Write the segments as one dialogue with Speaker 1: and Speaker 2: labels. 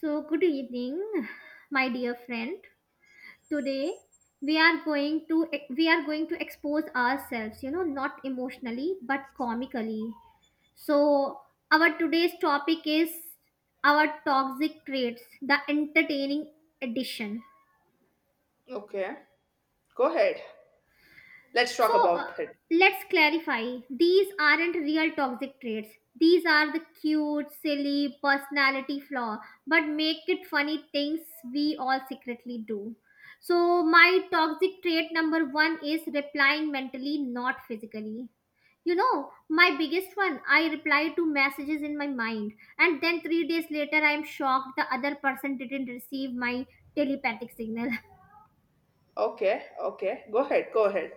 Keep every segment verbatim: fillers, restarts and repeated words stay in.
Speaker 1: So, good evening, my dear friend. Today we are going to we are going to expose ourselves, you know, not emotionally but comically. So, our today's topic is our toxic traits, the entertaining edition.
Speaker 2: Okay, go ahead. Let's
Speaker 1: So
Speaker 2: talk
Speaker 1: uh,
Speaker 2: about it.
Speaker 1: let's clarify these aren't real toxic traits. These are the cute, silly personality flaw, but make it funny things we all secretly do. So, my toxic trait number one is replying mentally, not physically. You know, my biggest one, I reply to messages in my mind, and then three days later, I am shocked the other person didn't receive my telepathic signal.
Speaker 2: Okay, okay, go ahead, go ahead.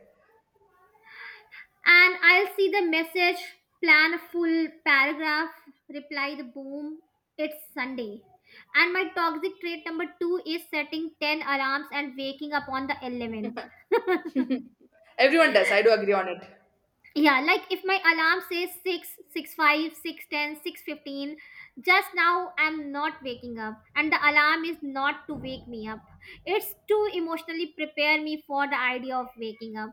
Speaker 1: And I'll see the message, plan a full paragraph, reply the boom, it's Sunday. And my toxic trait number two is setting ten alarms and waking up on the eleventh.
Speaker 2: Everyone does. I do agree on it.
Speaker 1: Yeah, like if my alarm says six, six five, six ten, six fifteen, just now I'm not waking up. And the alarm is not to wake me up. It's to emotionally prepare me for the idea of waking up.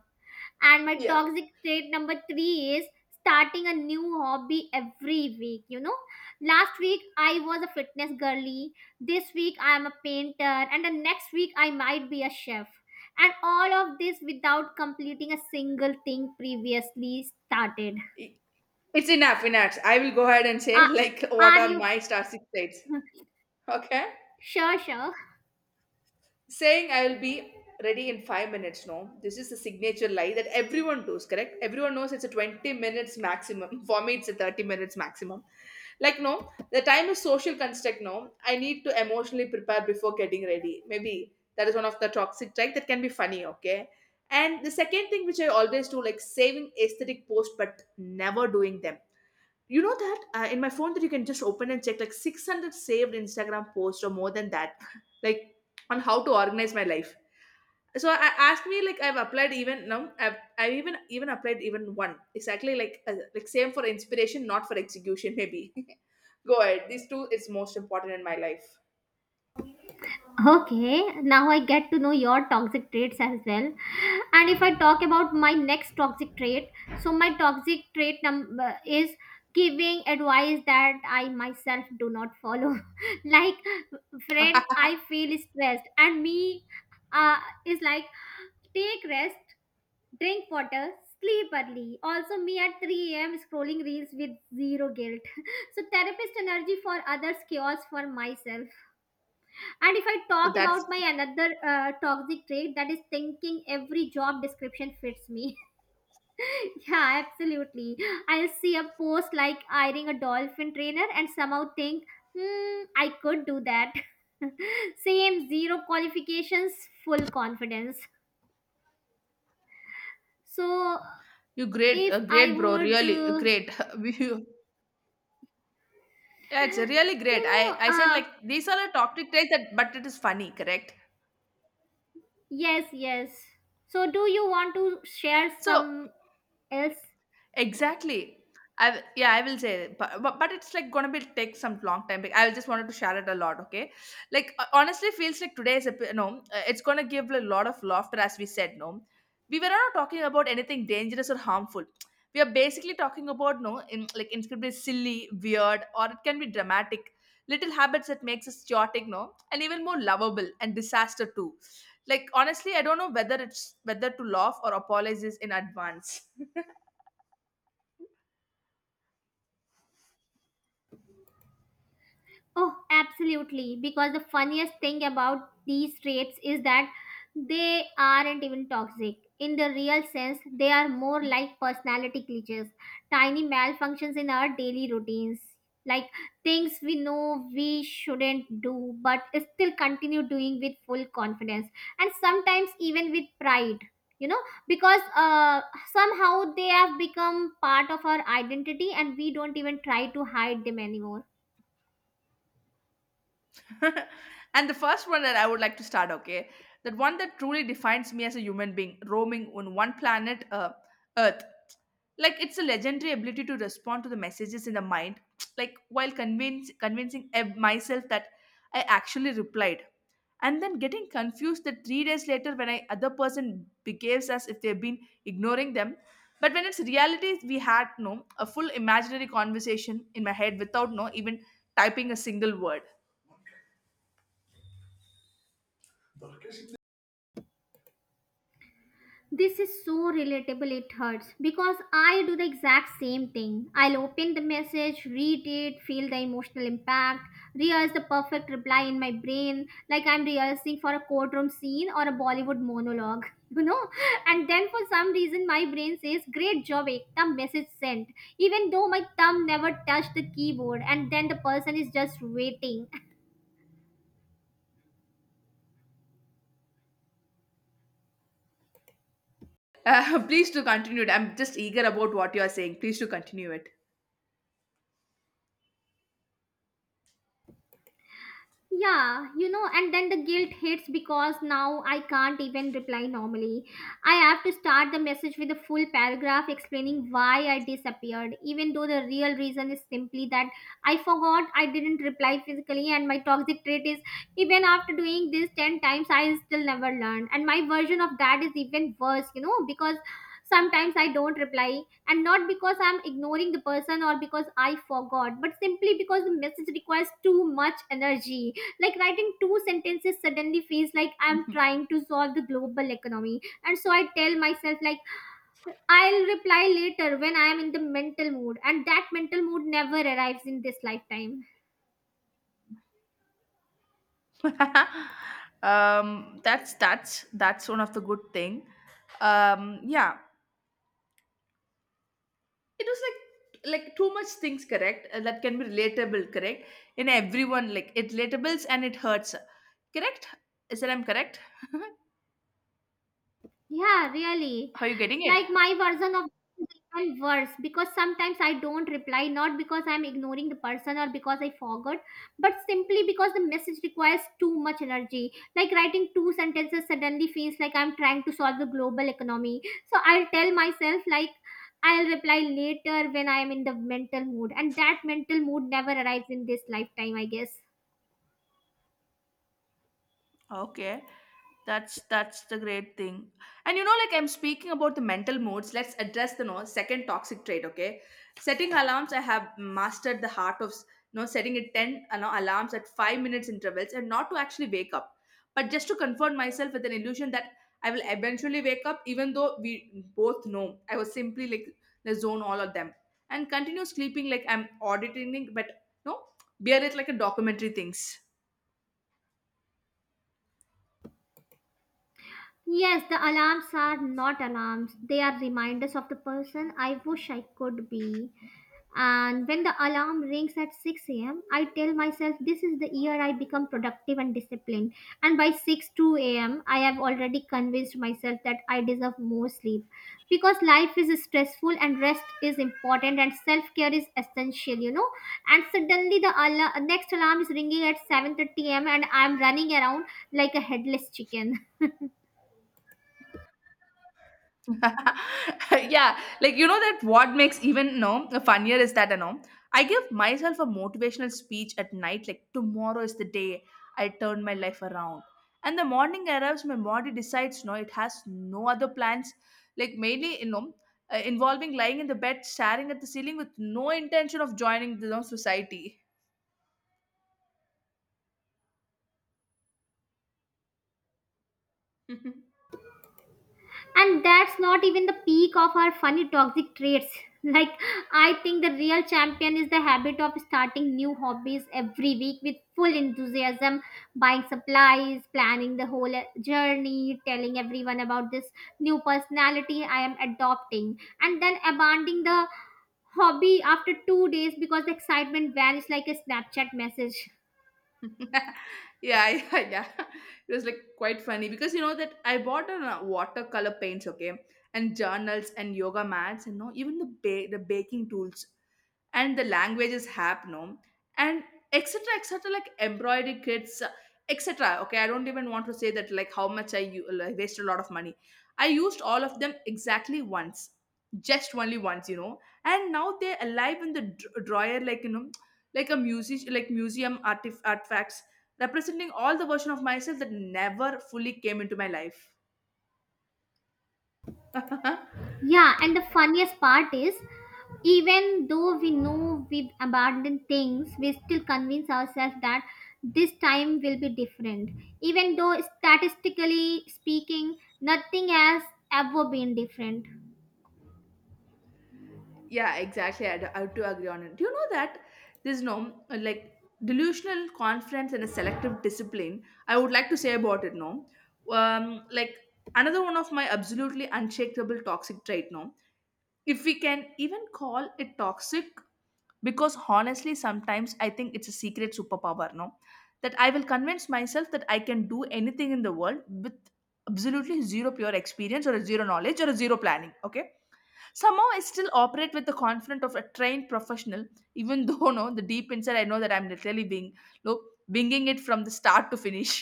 Speaker 1: And my
Speaker 2: Yeah.
Speaker 1: toxic trait number three is starting a new hobby every week. You know, last week I was a fitness girly, this week I am a painter, and the next week I might be a chef. And all of this without completing a single thing previously started.
Speaker 2: I- It's enough, enough. I will go ahead and say
Speaker 1: Uh,
Speaker 2: like what
Speaker 1: are
Speaker 2: are
Speaker 1: you
Speaker 2: my star six states. Okay,
Speaker 1: sure, sure?
Speaker 2: saying I will be ready in five minutes. No, this is a signature lie that everyone does, correct? Everyone knows it's a twenty minutes maximum. For me, it's a thirty minutes maximum. Like, no, the time is social construct. No, I need to emotionally prepare before getting ready. Maybe that is one of the toxic traits that can be funny, okay? And the second thing which I always do, like saving aesthetic posts but never doing them, you know that uh, in my phone that you can just open and check like six hundred saved Instagram posts or more than that, like on how to organize my life. So I asked me like I've applied even now I've, I've even even applied even one exactly like uh, like same for inspiration, not for execution maybe. Go ahead. These two is most important in my life.
Speaker 1: Okay, now I get to know your toxic traits as well. And if I talk about my next toxic trait, so my toxic trait number is giving advice that I myself do not follow. Like, friend, I feel stressed, and me uh, is like, take rest, drink water, sleep early. Also, me at three a m scrolling reels with zero guilt. So, therapist energy for others, chaos for myself. And if I
Speaker 2: But
Speaker 1: talk
Speaker 2: that's,
Speaker 1: about my another uh, toxic trait, that is thinking every job description fits me. Yeah, absolutely. I'll see a post like hiring a dolphin trainer and somehow think, hmm, I could do that. Same, zero qualifications, full confidence. So
Speaker 2: you great, uh,
Speaker 1: if I
Speaker 2: great, bro.
Speaker 1: would,
Speaker 2: Really
Speaker 1: uh,
Speaker 2: great. You- yeah, it's really
Speaker 1: you
Speaker 2: great. I,
Speaker 1: know,
Speaker 2: I said
Speaker 1: uh,
Speaker 2: like these are the toxic traits that, but it is funny, correct?
Speaker 1: Yes, yes. So do you want to share
Speaker 2: So
Speaker 1: some else?
Speaker 2: exactly. I w- yeah, I will say, but, but but it's like gonna be take some long time. Like, I just wanted to share it a lot, okay? Like uh, honestly, feels like today's epi- no, uh, it's gonna give a lot of laughter as we said. No, we were not talking about anything dangerous or harmful. We are basically talking about no, in, like incredibly silly, weird, or it can be dramatic. Little habits that makes us chaotic, no, and even more lovable and disaster too. Like honestly, I don't know whether it's whether to laugh or apologize in advance.
Speaker 1: Oh, absolutely. Because the funniest thing about these traits is that they aren't even toxic. In the real sense, they are more like personality glitches, tiny malfunctions in our daily routines. Like things we know we shouldn't do, but still continue doing with full confidence and sometimes even with pride, you know, because uh, somehow they have become part of our identity and we don't even try to hide them anymore.
Speaker 2: And the first one that I would like to start, okay, that one that truly defines me as a human being, roaming on one planet, uh, Earth. Like it's a legendary ability to respond to the messages in the mind, like while convince, convincing eh, myself that I actually replied, and then getting confused that three days later when I other person behaves as if they've been ignoring them. But when it's reality, we had no a full imaginary conversation in my head without no even typing a single word.
Speaker 1: This is so relatable, it hurts because I do the exact same thing. I'll open the message, read it, feel the emotional impact, rehearse the perfect reply in my brain, like I'm rehearsing for a courtroom scene or a Bollywood monologue. you know. And then for some reason, my brain says, "Great job, Ekta, message sent," even though my thumb never touched the keyboard, and then the person is just waiting.
Speaker 2: Uh, please to continue it. I'm just eager about what you are saying. Please to continue it.
Speaker 1: Yeah, you know, and then the guilt hits because now I can't even reply normally. I have to start the message with a full paragraph explaining why I disappeared, even though the real reason is simply that I forgot I didn't reply physically, and my toxic trait is even after doing this ten times, I still never learned. And my version of that is even worse, you know, because sometimes I don't reply, and not because I'm ignoring the person or because I forgot, but simply because the message requires too much energy like writing two sentences suddenly feels like I'm trying to solve the global economy. And so I tell myself, like, I'll reply later when I am in the mental mood. And that mental mood never arrives in this lifetime.
Speaker 2: um, that's that's that's one of the good thing. Um, yeah, it was like like too much things, correct, uh, that can be relatable, correct, in everyone, like it relatables and it hurts, correct, is that I'm correct?
Speaker 1: Yeah, really.
Speaker 2: Are you getting it?
Speaker 1: Like my version of this is even worse because sometimes I don't reply not because I'm ignoring the person or because I forgot, but simply because the message requires too much energy. Like writing two sentences suddenly feels like I'm trying to solve the global economy. So I'll tell myself like I'll reply later when I am in the mental mood, and that mental mood never arrives in this lifetime, I guess.
Speaker 2: Okay. That's that's the great thing. And you know, like I'm speaking about the mental moods, let's address the no second toxic trait, okay? Setting alarms, I have mastered the heart of no setting it ten, you know, alarms at five minutes intervals, and not to actually wake up, but just to comfort myself with an illusion that I will eventually wake up, even though we both know I was simply like the zone all of them and continue sleeping like I'm auditing, but no, bear it like a documentary things.
Speaker 1: Yes, the alarms are not alarms. They are reminders of the person I wish I could be. And when the alarm rings at six a m, I tell myself this is the year I become productive and disciplined. And by 6 2 a.m., I have already convinced myself that I deserve more sleep. Because life is stressful and rest is important and self care is essential, you know. And suddenly the alarm, next alarm is ringing at seven thirty a m, and I'm running around like a headless chicken.
Speaker 2: Yeah, like you know that what makes even no funnier is that you know, I give myself a motivational speech at night, like tomorrow is the day I turn my life around, and the morning arrives, my body decides no, it has no other plans, like mainly, you know, uh, involving lying in the bed staring at the ceiling with no intention of joining the, you know, society.
Speaker 1: And that's not even the peak of our funny toxic traits. Like, I think the real champion is the habit of starting new hobbies every week with full enthusiasm, buying supplies, planning the whole uh, journey, telling everyone about this new personality I am adopting, and then abandoning the hobby after two days because the excitement vanished like a Snapchat message.
Speaker 2: Yeah, yeah, yeah. It was like quite funny because you know that I bought a uh, watercolor paints, okay, and journals and yoga mats and no, even the ba- the baking tools and the languages app, no, and et cetera et cetera. Like embroidery kits, uh, et cetera. Okay, I don't even want to say that like how much I u- like, wasted a lot of money. I used all of them exactly once, just only once, you know, and now they're alive in the dr- drawer, like you know, like a music like museum artif- artifacts representing all the version of myself that never fully came into my life.
Speaker 1: Yeah, and the funniest part is even though we know we've abandoned things, we still convince ourselves that this time will be different. Even though statistically speaking, nothing has ever been different.
Speaker 2: Yeah, exactly. I do, I do agree on it. Do you know that there's no like delusional confidence and a selective discipline, I would like to say about it, no? Um like, another one of my absolutely unshakable toxic trait, no, if we can even call it toxic, because honestly sometimes I think it's a secret superpower, no, that I will convince myself that I can do anything in the world with absolutely zero pure experience or a zero knowledge or a zero planning, okay? Somehow I still operate with the confidence of a trained professional, even though no, the deep inside I know that I'm literally being, look, winging it from the start to finish.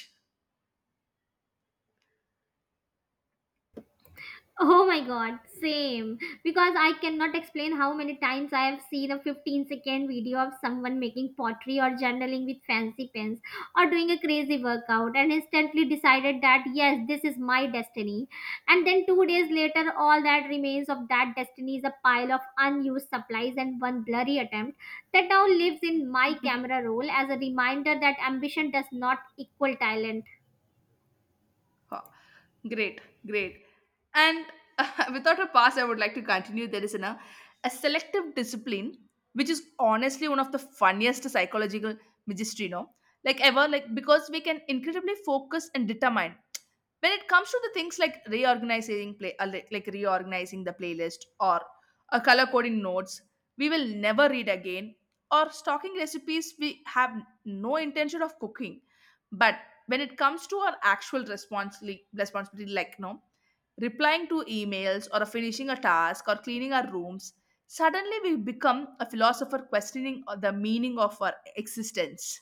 Speaker 1: Oh my god, same. Because I cannot explain how many times I have seen a fifteen second video of someone making pottery or journaling with fancy pens or doing a crazy workout and instantly decided that yes, this is my destiny. And then two days later, all that remains of that destiny is a pile of unused supplies and one blurry attempt that now lives in my camera roll as a reminder that ambition does not equal talent.
Speaker 2: Huh. Great, great. And without a pass, I would like to continue. There is an, a, a selective discipline, which is honestly one of the funniest psychological magistry, no? Like ever, like because we can incredibly focus and determine, when it comes to the things like reorganizing play uh, like like reorganizing the playlist or a color coding notes we will never read again, or stocking recipes we have no intention of cooking, but when it comes to our actual responsibility responsibility, like no, replying to emails or finishing a task or cleaning our rooms, suddenly we become a philosopher questioning the meaning of our existence.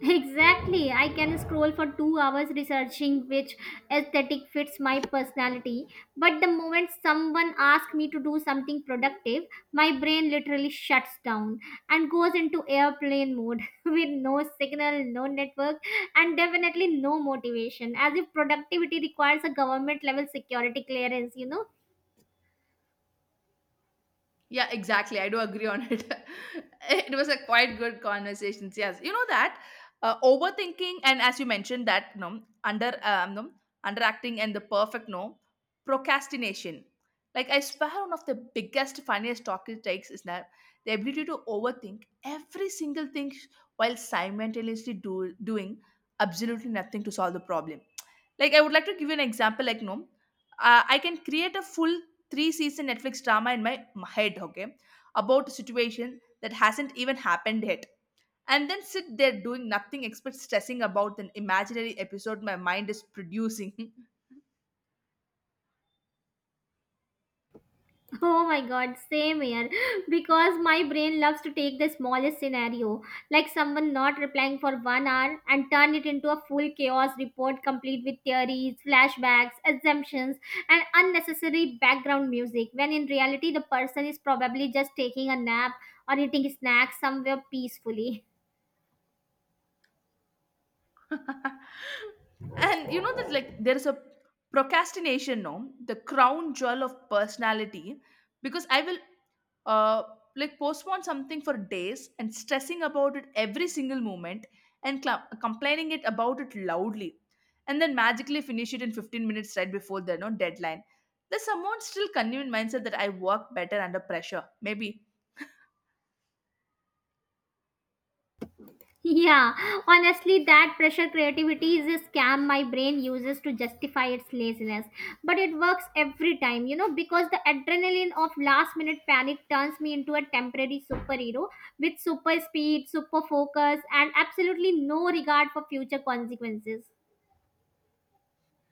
Speaker 1: Exactly. I can scroll for two hours researching which aesthetic fits my personality. But the moment someone asks me to do something productive, my brain literally shuts down and goes into airplane mode with no signal, no network, and definitely no motivation. As if productivity requires a government level security clearance, you know?
Speaker 2: Yeah, exactly. I do agree on it. It was a quite good conversations. Yes, you know that uh, overthinking, and as you mentioned that you know, under um, no, underacting and the perfect no procrastination. Like I swear, one of the biggest funniest talking takes is that the ability to overthink every single thing while simultaneously do, doing absolutely nothing to solve the problem. Like I would like to give you an example. Like no, uh, I can create a full three season Netflix drama in my m- head, okay, about a situation that hasn't even happened yet. And then sit there doing nothing except stressing about an imaginary episode my mind is producing.
Speaker 1: Oh my god, same here. Because my brain loves to take the smallest scenario, like someone not replying for one hour, and turn it into a full chaos report complete with theories, flashbacks, assumptions, and unnecessary background music. When in reality, the person is probably just taking a nap or eating snacks somewhere peacefully.
Speaker 2: And you know that like there's a procrastination, no, the crown jewel of personality, because I will uh like postpone something for days and stressing about it every single moment and cla complaining it about it loudly, and then magically finish it in fifteen minutes right before the no deadline. There's someone still convenient mindset that I work better under pressure maybe.
Speaker 1: Yeah, honestly, that pressure creativity is a scam my brain uses to justify its laziness. But it works every time, you know, because the adrenaline of last minute panic turns me into a temporary superhero with super speed, super focus, and absolutely no regard for future consequences.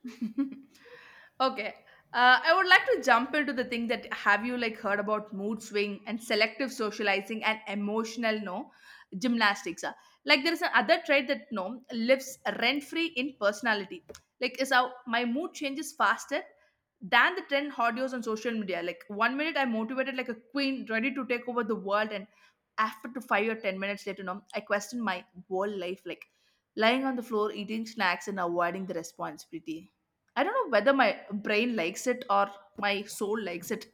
Speaker 2: Okay. Uh, I would like to jump into the thing that have you like heard about mood swing and selective socializing and emotional no gymnastics. Uh, like there is another trait that no lives rent free in personality. Like is how my mood changes faster than the trend audios on social media. Like one minute I'm motivated like a queen, ready to take over the world, and after to five or ten minutes later, no, I question my whole life. Like lying on the floor, eating snacks, and avoiding the responsibility. I don't know whether my brain likes it or my soul likes it.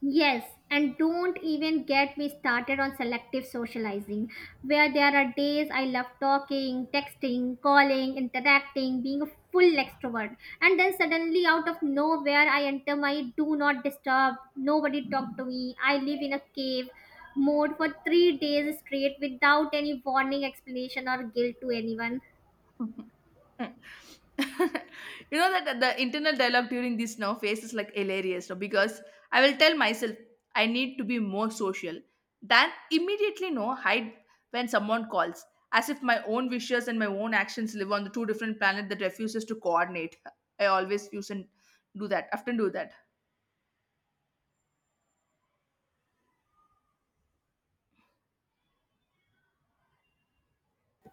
Speaker 1: Yes, and don't even get me started on selective socializing, where there are days I love talking, texting, calling, interacting, being a full extrovert. And then suddenly, out of nowhere, I enter my do not disturb, nobody talk to me, I live in a cave mode for three days straight without any warning, explanation, or guilt to anyone.
Speaker 2: You know that the internal dialogue during this now phase is like hilarious, no? Because I will tell myself I need to be more social. Then immediately no hide when someone calls, as if my own wishes and my own actions live on the two different planet that refuses to coordinate. I always use and do that. Often do that.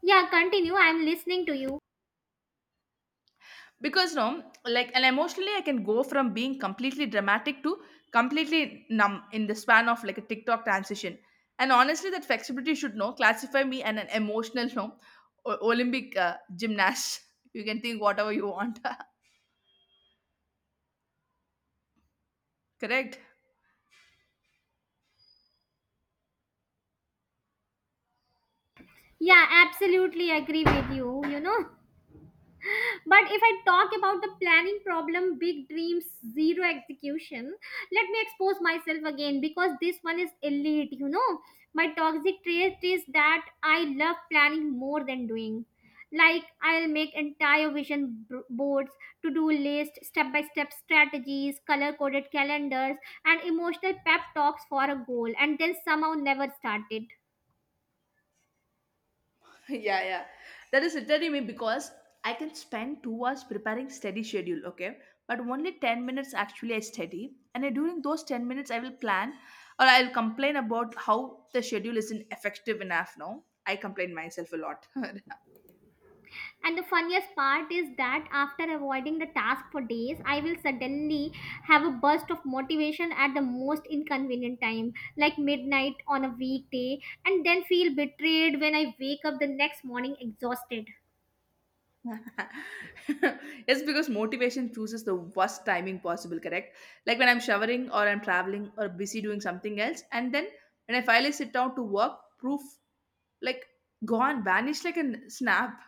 Speaker 1: Yeah, continue. I'm listening to you.
Speaker 2: Because no, like, and emotionally I can go from being completely dramatic to completely numb in the span of like a TikTok transition, and honestly that flexibility should know classify me and an emotional no o- olympic uh, gymnast. You can think whatever you want. Correct.
Speaker 1: Yeah, absolutely agree with you, you know. But if I talk about the planning problem, big dreams, zero execution, let me expose myself again because this one is elite, you know. My toxic trait is that I love planning more than doing. Like, I'll make entire vision b- boards, to do list, step by step strategies, color coded calendars, and emotional pep talks for a goal, and then somehow never start it.
Speaker 2: Yeah, yeah, that is literally me, because I can spend two hours preparing steady schedule, okay, but only ten minutes actually I study, and I- during those ten minutes I will plan or I'll complain about how the schedule isn't effective enough, no, I complain myself a lot.
Speaker 1: And the funniest part is that after avoiding the task for days, I will suddenly have a burst of motivation at the most inconvenient time, like midnight on a weekday, and then feel betrayed when I wake up the next morning exhausted.
Speaker 2: It's because motivation chooses the worst timing possible, correct, like when I'm showering or I'm traveling or busy doing something else, and then when I finally sit down to work, proof, like gone, vanished like a snap.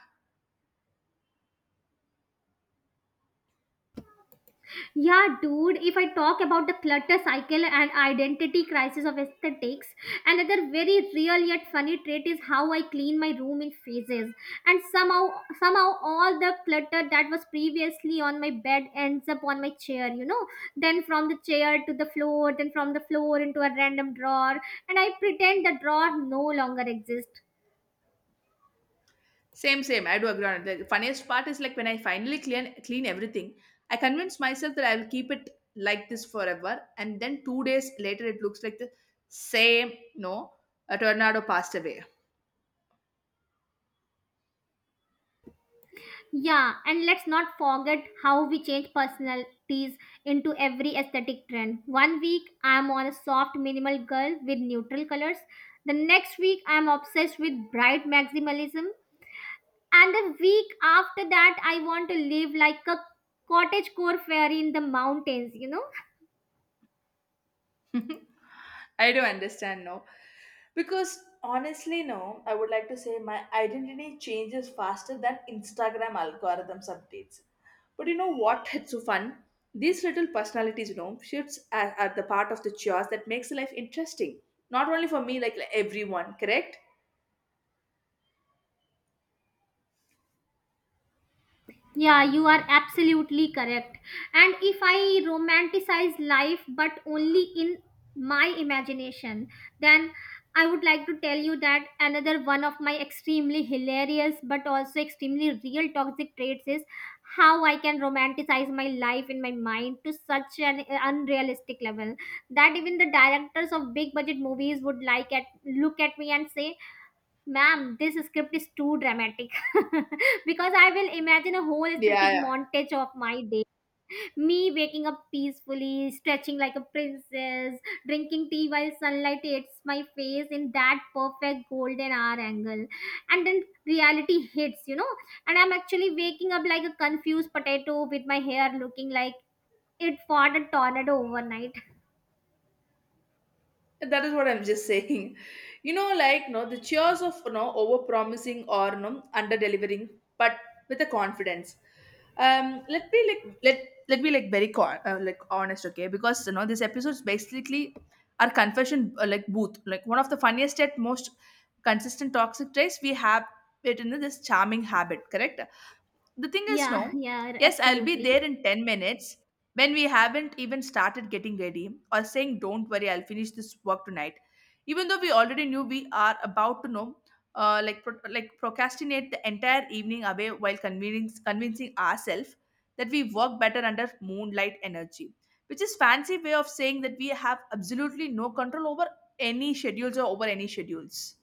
Speaker 1: Yeah, dude, if I talk about the clutter cycle and identity crisis of aesthetics, another very real yet funny trait is how I clean my room in phases. And somehow, somehow, all the clutter that was previously on my bed ends up on my chair, you know. Then from the chair to the floor, then from the floor into a random drawer. And I pretend the drawer no longer exists.
Speaker 2: Same, same. I do agree on it. The funniest part is like when I finally clean clean everything, I convince myself that I will keep it like this forever, and then two days later, it looks like the same. No, a tornado passed away.
Speaker 1: Yeah, and let's not forget how we change personalities into every aesthetic trend. One week I'm on a soft minimal girl with neutral colors. The next week I'm obsessed with bright maximalism. And the week after that I want to live like a cottagecore fairy in the mountains, you know?
Speaker 2: I do understand now. Because honestly, no, I would like to say my identity changes faster than Instagram algorithms updates. But you know what? It's so fun. These little personalities, you know, shifts are, are the part of the chaos that makes life interesting. Not only for me, like, like everyone, correct?
Speaker 1: Yeah, you are absolutely correct. And if I romanticize life but only in my imagination, then I would like to tell you that another one of my extremely hilarious but also extremely real toxic traits is how I can romanticize my life in my mind to such an unrealistic level that even the directors of big budget movies would like at look at me and say, "Ma'am, this script is too dramatic." Because I will imagine a whole aesthetic
Speaker 2: Yeah,
Speaker 1: montage of my day. Me waking up peacefully, stretching like a princess, drinking tea while sunlight hits my face in that perfect golden hour angle. And then reality hits, you know, and I'm actually waking up like a confused potato with my hair looking like it fought a tornado overnight.
Speaker 2: that is what I'm just saying. You know like no, the cheers of no over promising or no under delivering, but with a confidence. Um let me like let let me like very con- uh, like honest, okay? Because you know this episode is basically our confession uh, like booth, like one of the funniest yet most consistent toxic traits we have it in this charming habit, correct? The thing is,
Speaker 1: Yeah,
Speaker 2: no,
Speaker 1: yeah,
Speaker 2: yes, I'll be
Speaker 1: absolutely.
Speaker 2: there in ten minutes, when we haven't even started getting ready, or saying, don't worry, I'll finish this work tonight. Even though we already knew we are about to know, uh, like, pro- like procrastinate the entire evening away while convincing, convincing ourselves that we work better under moonlight energy, which is fancy way of saying that we have absolutely no control over any schedules or over any schedules.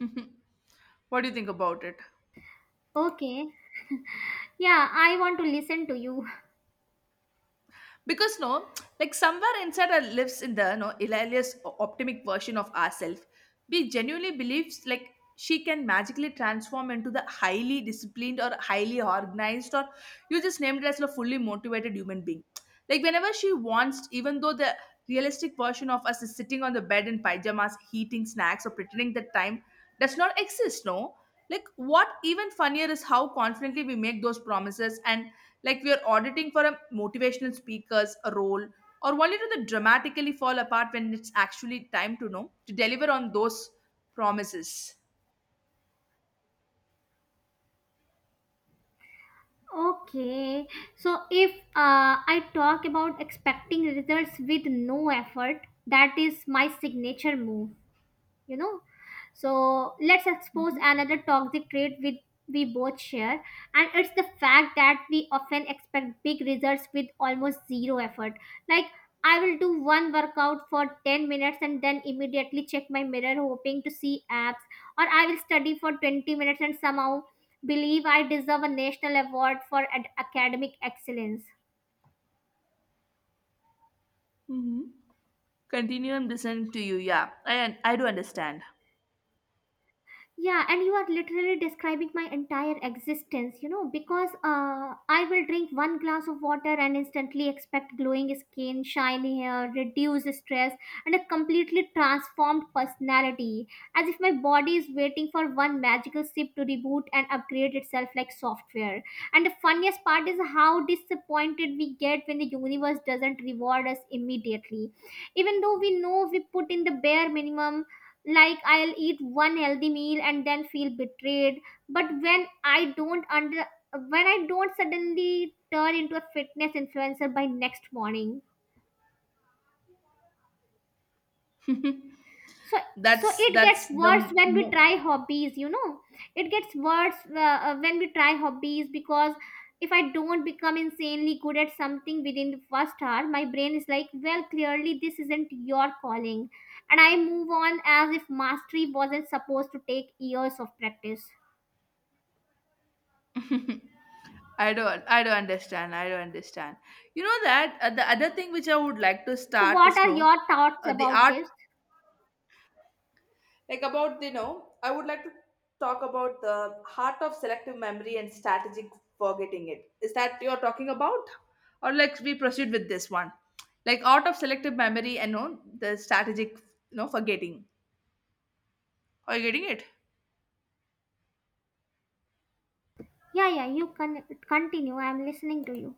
Speaker 2: What do you think about it?
Speaker 1: Okay. Yeah, I want to listen to you.
Speaker 2: Because no, like somewhere inside our lives, in the no hilarious o- optimistic version of ourselves, we genuinely believes like she can magically transform into the highly disciplined or highly organized or you just named it as a fully motivated human being, like whenever she wants, even though the realistic version of us is sitting on the bed in pajamas eating snacks or pretending that time does not exist. No, like what even funnier is how confidently we make those promises, and like we are auditing for a motivational speaker's role, or only to the dramatically fall apart when it's actually time to know to deliver on those promises.
Speaker 1: Okay, so if uh, I talk about expecting results with no effort, that is my signature move, you know. So let's expose
Speaker 2: Mm-hmm.
Speaker 1: another toxic trait with we both share, and it's the fact that we often expect big results with almost zero effort. Like, I will do one workout for ten minutes and then immediately check my mirror hoping to see abs, or I will study for twenty minutes and somehow believe I deserve a national award for ad- academic excellence.
Speaker 2: Mm-hmm. Continue and listen to you. Yeah, I I do understand.
Speaker 1: Yeah, and you are literally describing my entire existence, you know, because uh, I will drink one glass of water and instantly expect glowing skin, shiny hair, reduced stress, and a completely transformed personality, as if my body is waiting for one magical sip to reboot and upgrade itself like software. And the funniest part is how disappointed we get when the universe doesn't reward us immediately, even though we know we put in the bare minimum. Like, I'll eat one healthy meal and then feel betrayed but when I don't under when I don't suddenly turn into a fitness influencer by next morning. So, so
Speaker 2: that's
Speaker 1: it gets
Speaker 2: that's the
Speaker 1: worse when we
Speaker 2: mo-
Speaker 1: try hobbies, you know. It gets worse uh, uh, when we try hobbies, because if I don't become insanely good at something within the first hour, my brain is like, well, clearly this isn't your calling, and I move on as if mastery wasn't supposed to take years of practice.
Speaker 2: I don't I don't understand. I don't understand. You know that uh, the other thing which I would like to
Speaker 1: So,
Speaker 2: start
Speaker 1: what
Speaker 2: is
Speaker 1: are
Speaker 2: no,
Speaker 1: your thoughts
Speaker 2: uh, the
Speaker 1: about
Speaker 2: art
Speaker 1: this?
Speaker 2: like about, you know, I would like to talk about the heart of selective memory and strategic forgetting, it is that you're talking about, or like we proceed with this one, like art of selective memory and, you know, the strategic, you know, forgetting. Are you getting it?
Speaker 1: Yeah, yeah, you can continue. I'm listening to you.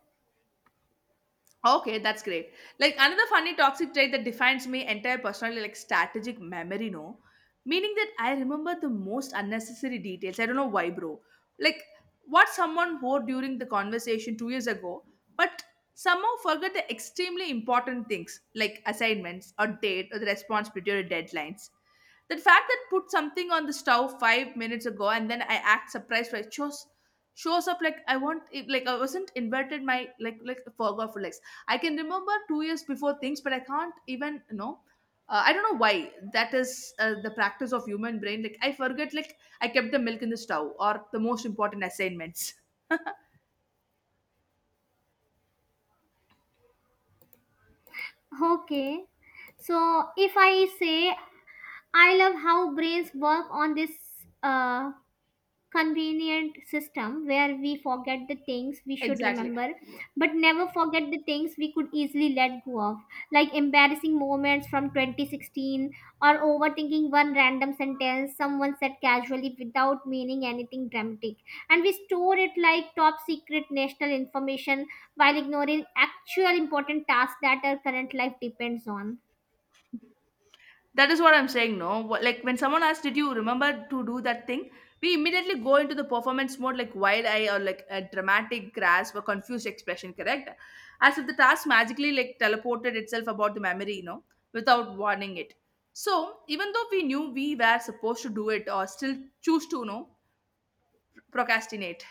Speaker 2: Okay, that's great. Like another funny toxic trait that defines me entire personality, like strategic memory, no? Meaning that I remember the most unnecessary details. I don't know why, bro. Like what someone wore during the conversation two years ago, but somehow forgot the extremely important things like assignments or date or the responsibility or deadlines. That fact that put something on the stove five minutes ago and then I act surprised when it shows shows up, like I want it, like I wasn't invited, my like like forgot for like. I can remember two years before things, but I can't even, you know. Uh, I don't know why that is uh, the practice of human brain. Like I forget, like I kept the milk in the stove or the most important assignments.
Speaker 1: Okay. So, if I say I love how brains work on this uh, convenient system where we forget the things we should
Speaker 2: Exactly.
Speaker 1: remember but never forget the things we could easily let go of, like embarrassing moments from twenty sixteen, or overthinking one random sentence someone said casually without meaning anything dramatic, and we store it like top secret national information while ignoring actual important tasks that our current life depends on.
Speaker 2: That is what I'm saying, no? What? Like when someone asks, "Did you remember to do that thing?" We immediately go into the performance mode, like wide eye or like a dramatic grasp or confused expression, correct? As if the task magically like teleported itself about the memory, you know, without warning it. So even though we knew we were supposed to do it, or still choose to, you know, procrastinate.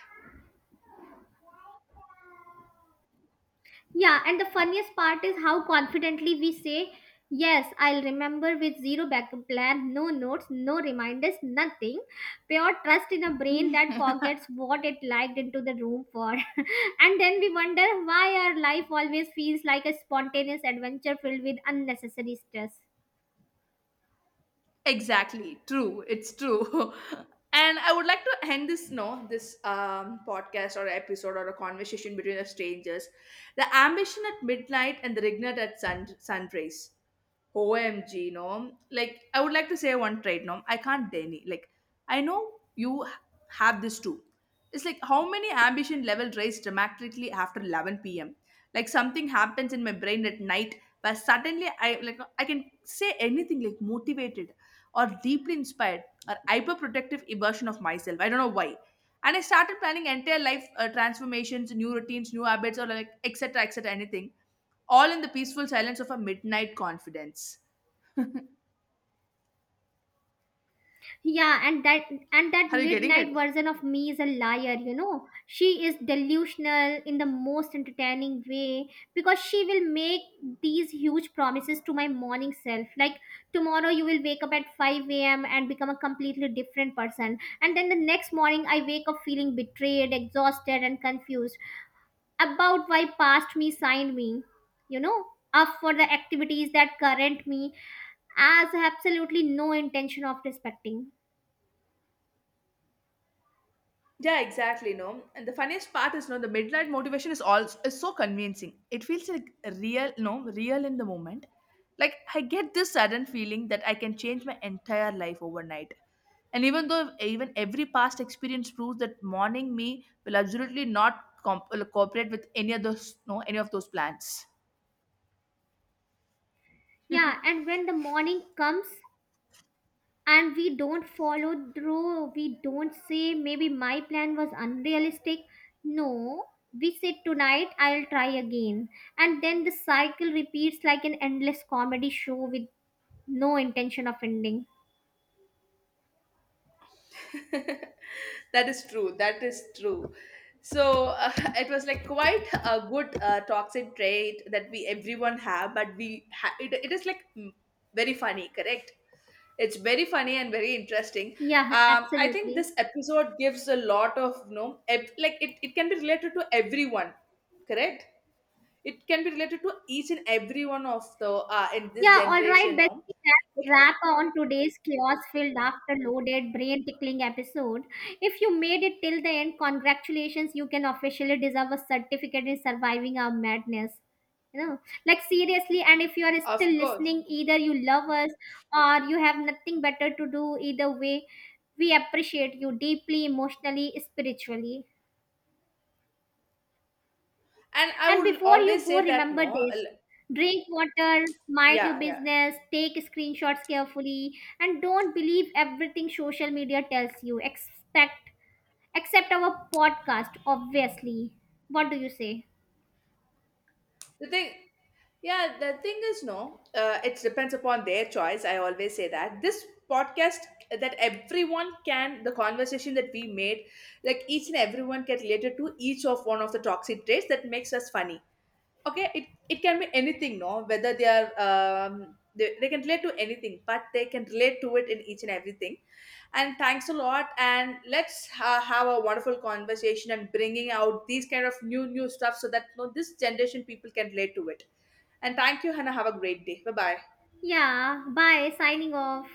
Speaker 1: Yeah, and the funniest part is how confidently we say, "Yes, I'll remember," with zero backup plan, no notes, no reminders, nothing. Pure trust in a brain that forgets what it liked into the room for. And then we wonder why our life always feels like a spontaneous adventure filled with unnecessary stress.
Speaker 2: Exactly. True. It's true. And I would like to end this no this um, podcast or episode or a conversation between the strangers. The ambition at midnight and the regret at sun sunrise. O M G, no. Like I would like to say one trait, no. I can't deny. Like I know you h- have this too. It's like how many ambition level rise dramatically after eleven p m. Like something happens in my brain at night, but suddenly I like I can say anything, like motivated or deeply inspired or hyperprotective version of myself. I don't know why. And I started planning entire life uh, transformations, new routines, new habits, or like et cetera et cetera. Anything, all in the peaceful silence of a midnight confidence.
Speaker 1: Yeah, and that, and that
Speaker 2: Are you getting it?
Speaker 1: midnight version of me is a liar, you know. She is delusional in the most entertaining way, because she will make these huge promises to my morning self, like, tomorrow you will wake up at five a m and become a completely different person. And then the next morning I wake up feeling betrayed, exhausted, and confused about why past me signed me, you know, up for the activities that current me as absolutely no intention of respecting.
Speaker 2: Yeah, exactly. No, and the funniest part is, no, the midnight motivation is also is so convincing. It feels like real, no, real in the moment. Like I get this sudden feeling that I can change my entire life overnight. And even though even every past experience proves that morning me will absolutely not comp- like, cooperate with any of those, no, any of those plans.
Speaker 1: Yeah, and when the morning comes and we don't follow through, we don't say, maybe my plan was unrealistic. No, we say, tonight I'll try again. And then the cycle repeats like an endless comedy show with no intention of ending.
Speaker 2: That is true. That is true. So uh, it was like quite a good uh, toxic trait that we everyone have, but we ha- it, it is like mm, very funny, correct? It's very funny and very interesting.
Speaker 1: Yeah,
Speaker 2: Um, I think
Speaker 1: absolutely.
Speaker 2: this episode gives a lot of, you know, ev- like it, it can be related to everyone, correct? It can be related to each and every one of the uh, in this
Speaker 1: Yeah, all right,
Speaker 2: generation, no?
Speaker 1: bestie. Let
Speaker 2: Like,
Speaker 1: wrap on today's chaos-filled, after-loaded, brain-tickling episode. If you made it till the end, congratulations! You can officially deserve a certificate in surviving our madness. You know, like, seriously. And if you are
Speaker 2: of
Speaker 1: still
Speaker 2: course.
Speaker 1: listening, either you love us or you have nothing better to do. Either way, we appreciate you deeply, emotionally, spiritually.
Speaker 2: And I
Speaker 1: And
Speaker 2: would
Speaker 1: before you
Speaker 2: always
Speaker 1: go,
Speaker 2: say that
Speaker 1: remember
Speaker 2: no,
Speaker 1: this:
Speaker 2: l-
Speaker 1: drink water, mind your
Speaker 2: yeah, yeah.
Speaker 1: business, take screenshots carefully, and don't believe everything social media tells you. Expect, except our podcast, obviously. What do you say?
Speaker 2: The thing, yeah, the thing is, no, uh, it depends upon their choice. I always say that this podcast, that everyone can, the conversation that we made, like each and everyone can relate it to each of one of the toxic traits that makes us funny, okay? it it can be anything, no, whether they are um they, they can relate to anything, but they can relate to it in each and everything. And thanks a lot, and let's ha- have a wonderful conversation and bringing out these kind of new new stuff, so that, you know, this generation people can relate to it. And thank you, Hannah. Have a great day. Bye bye.
Speaker 1: Yeah, bye, signing off.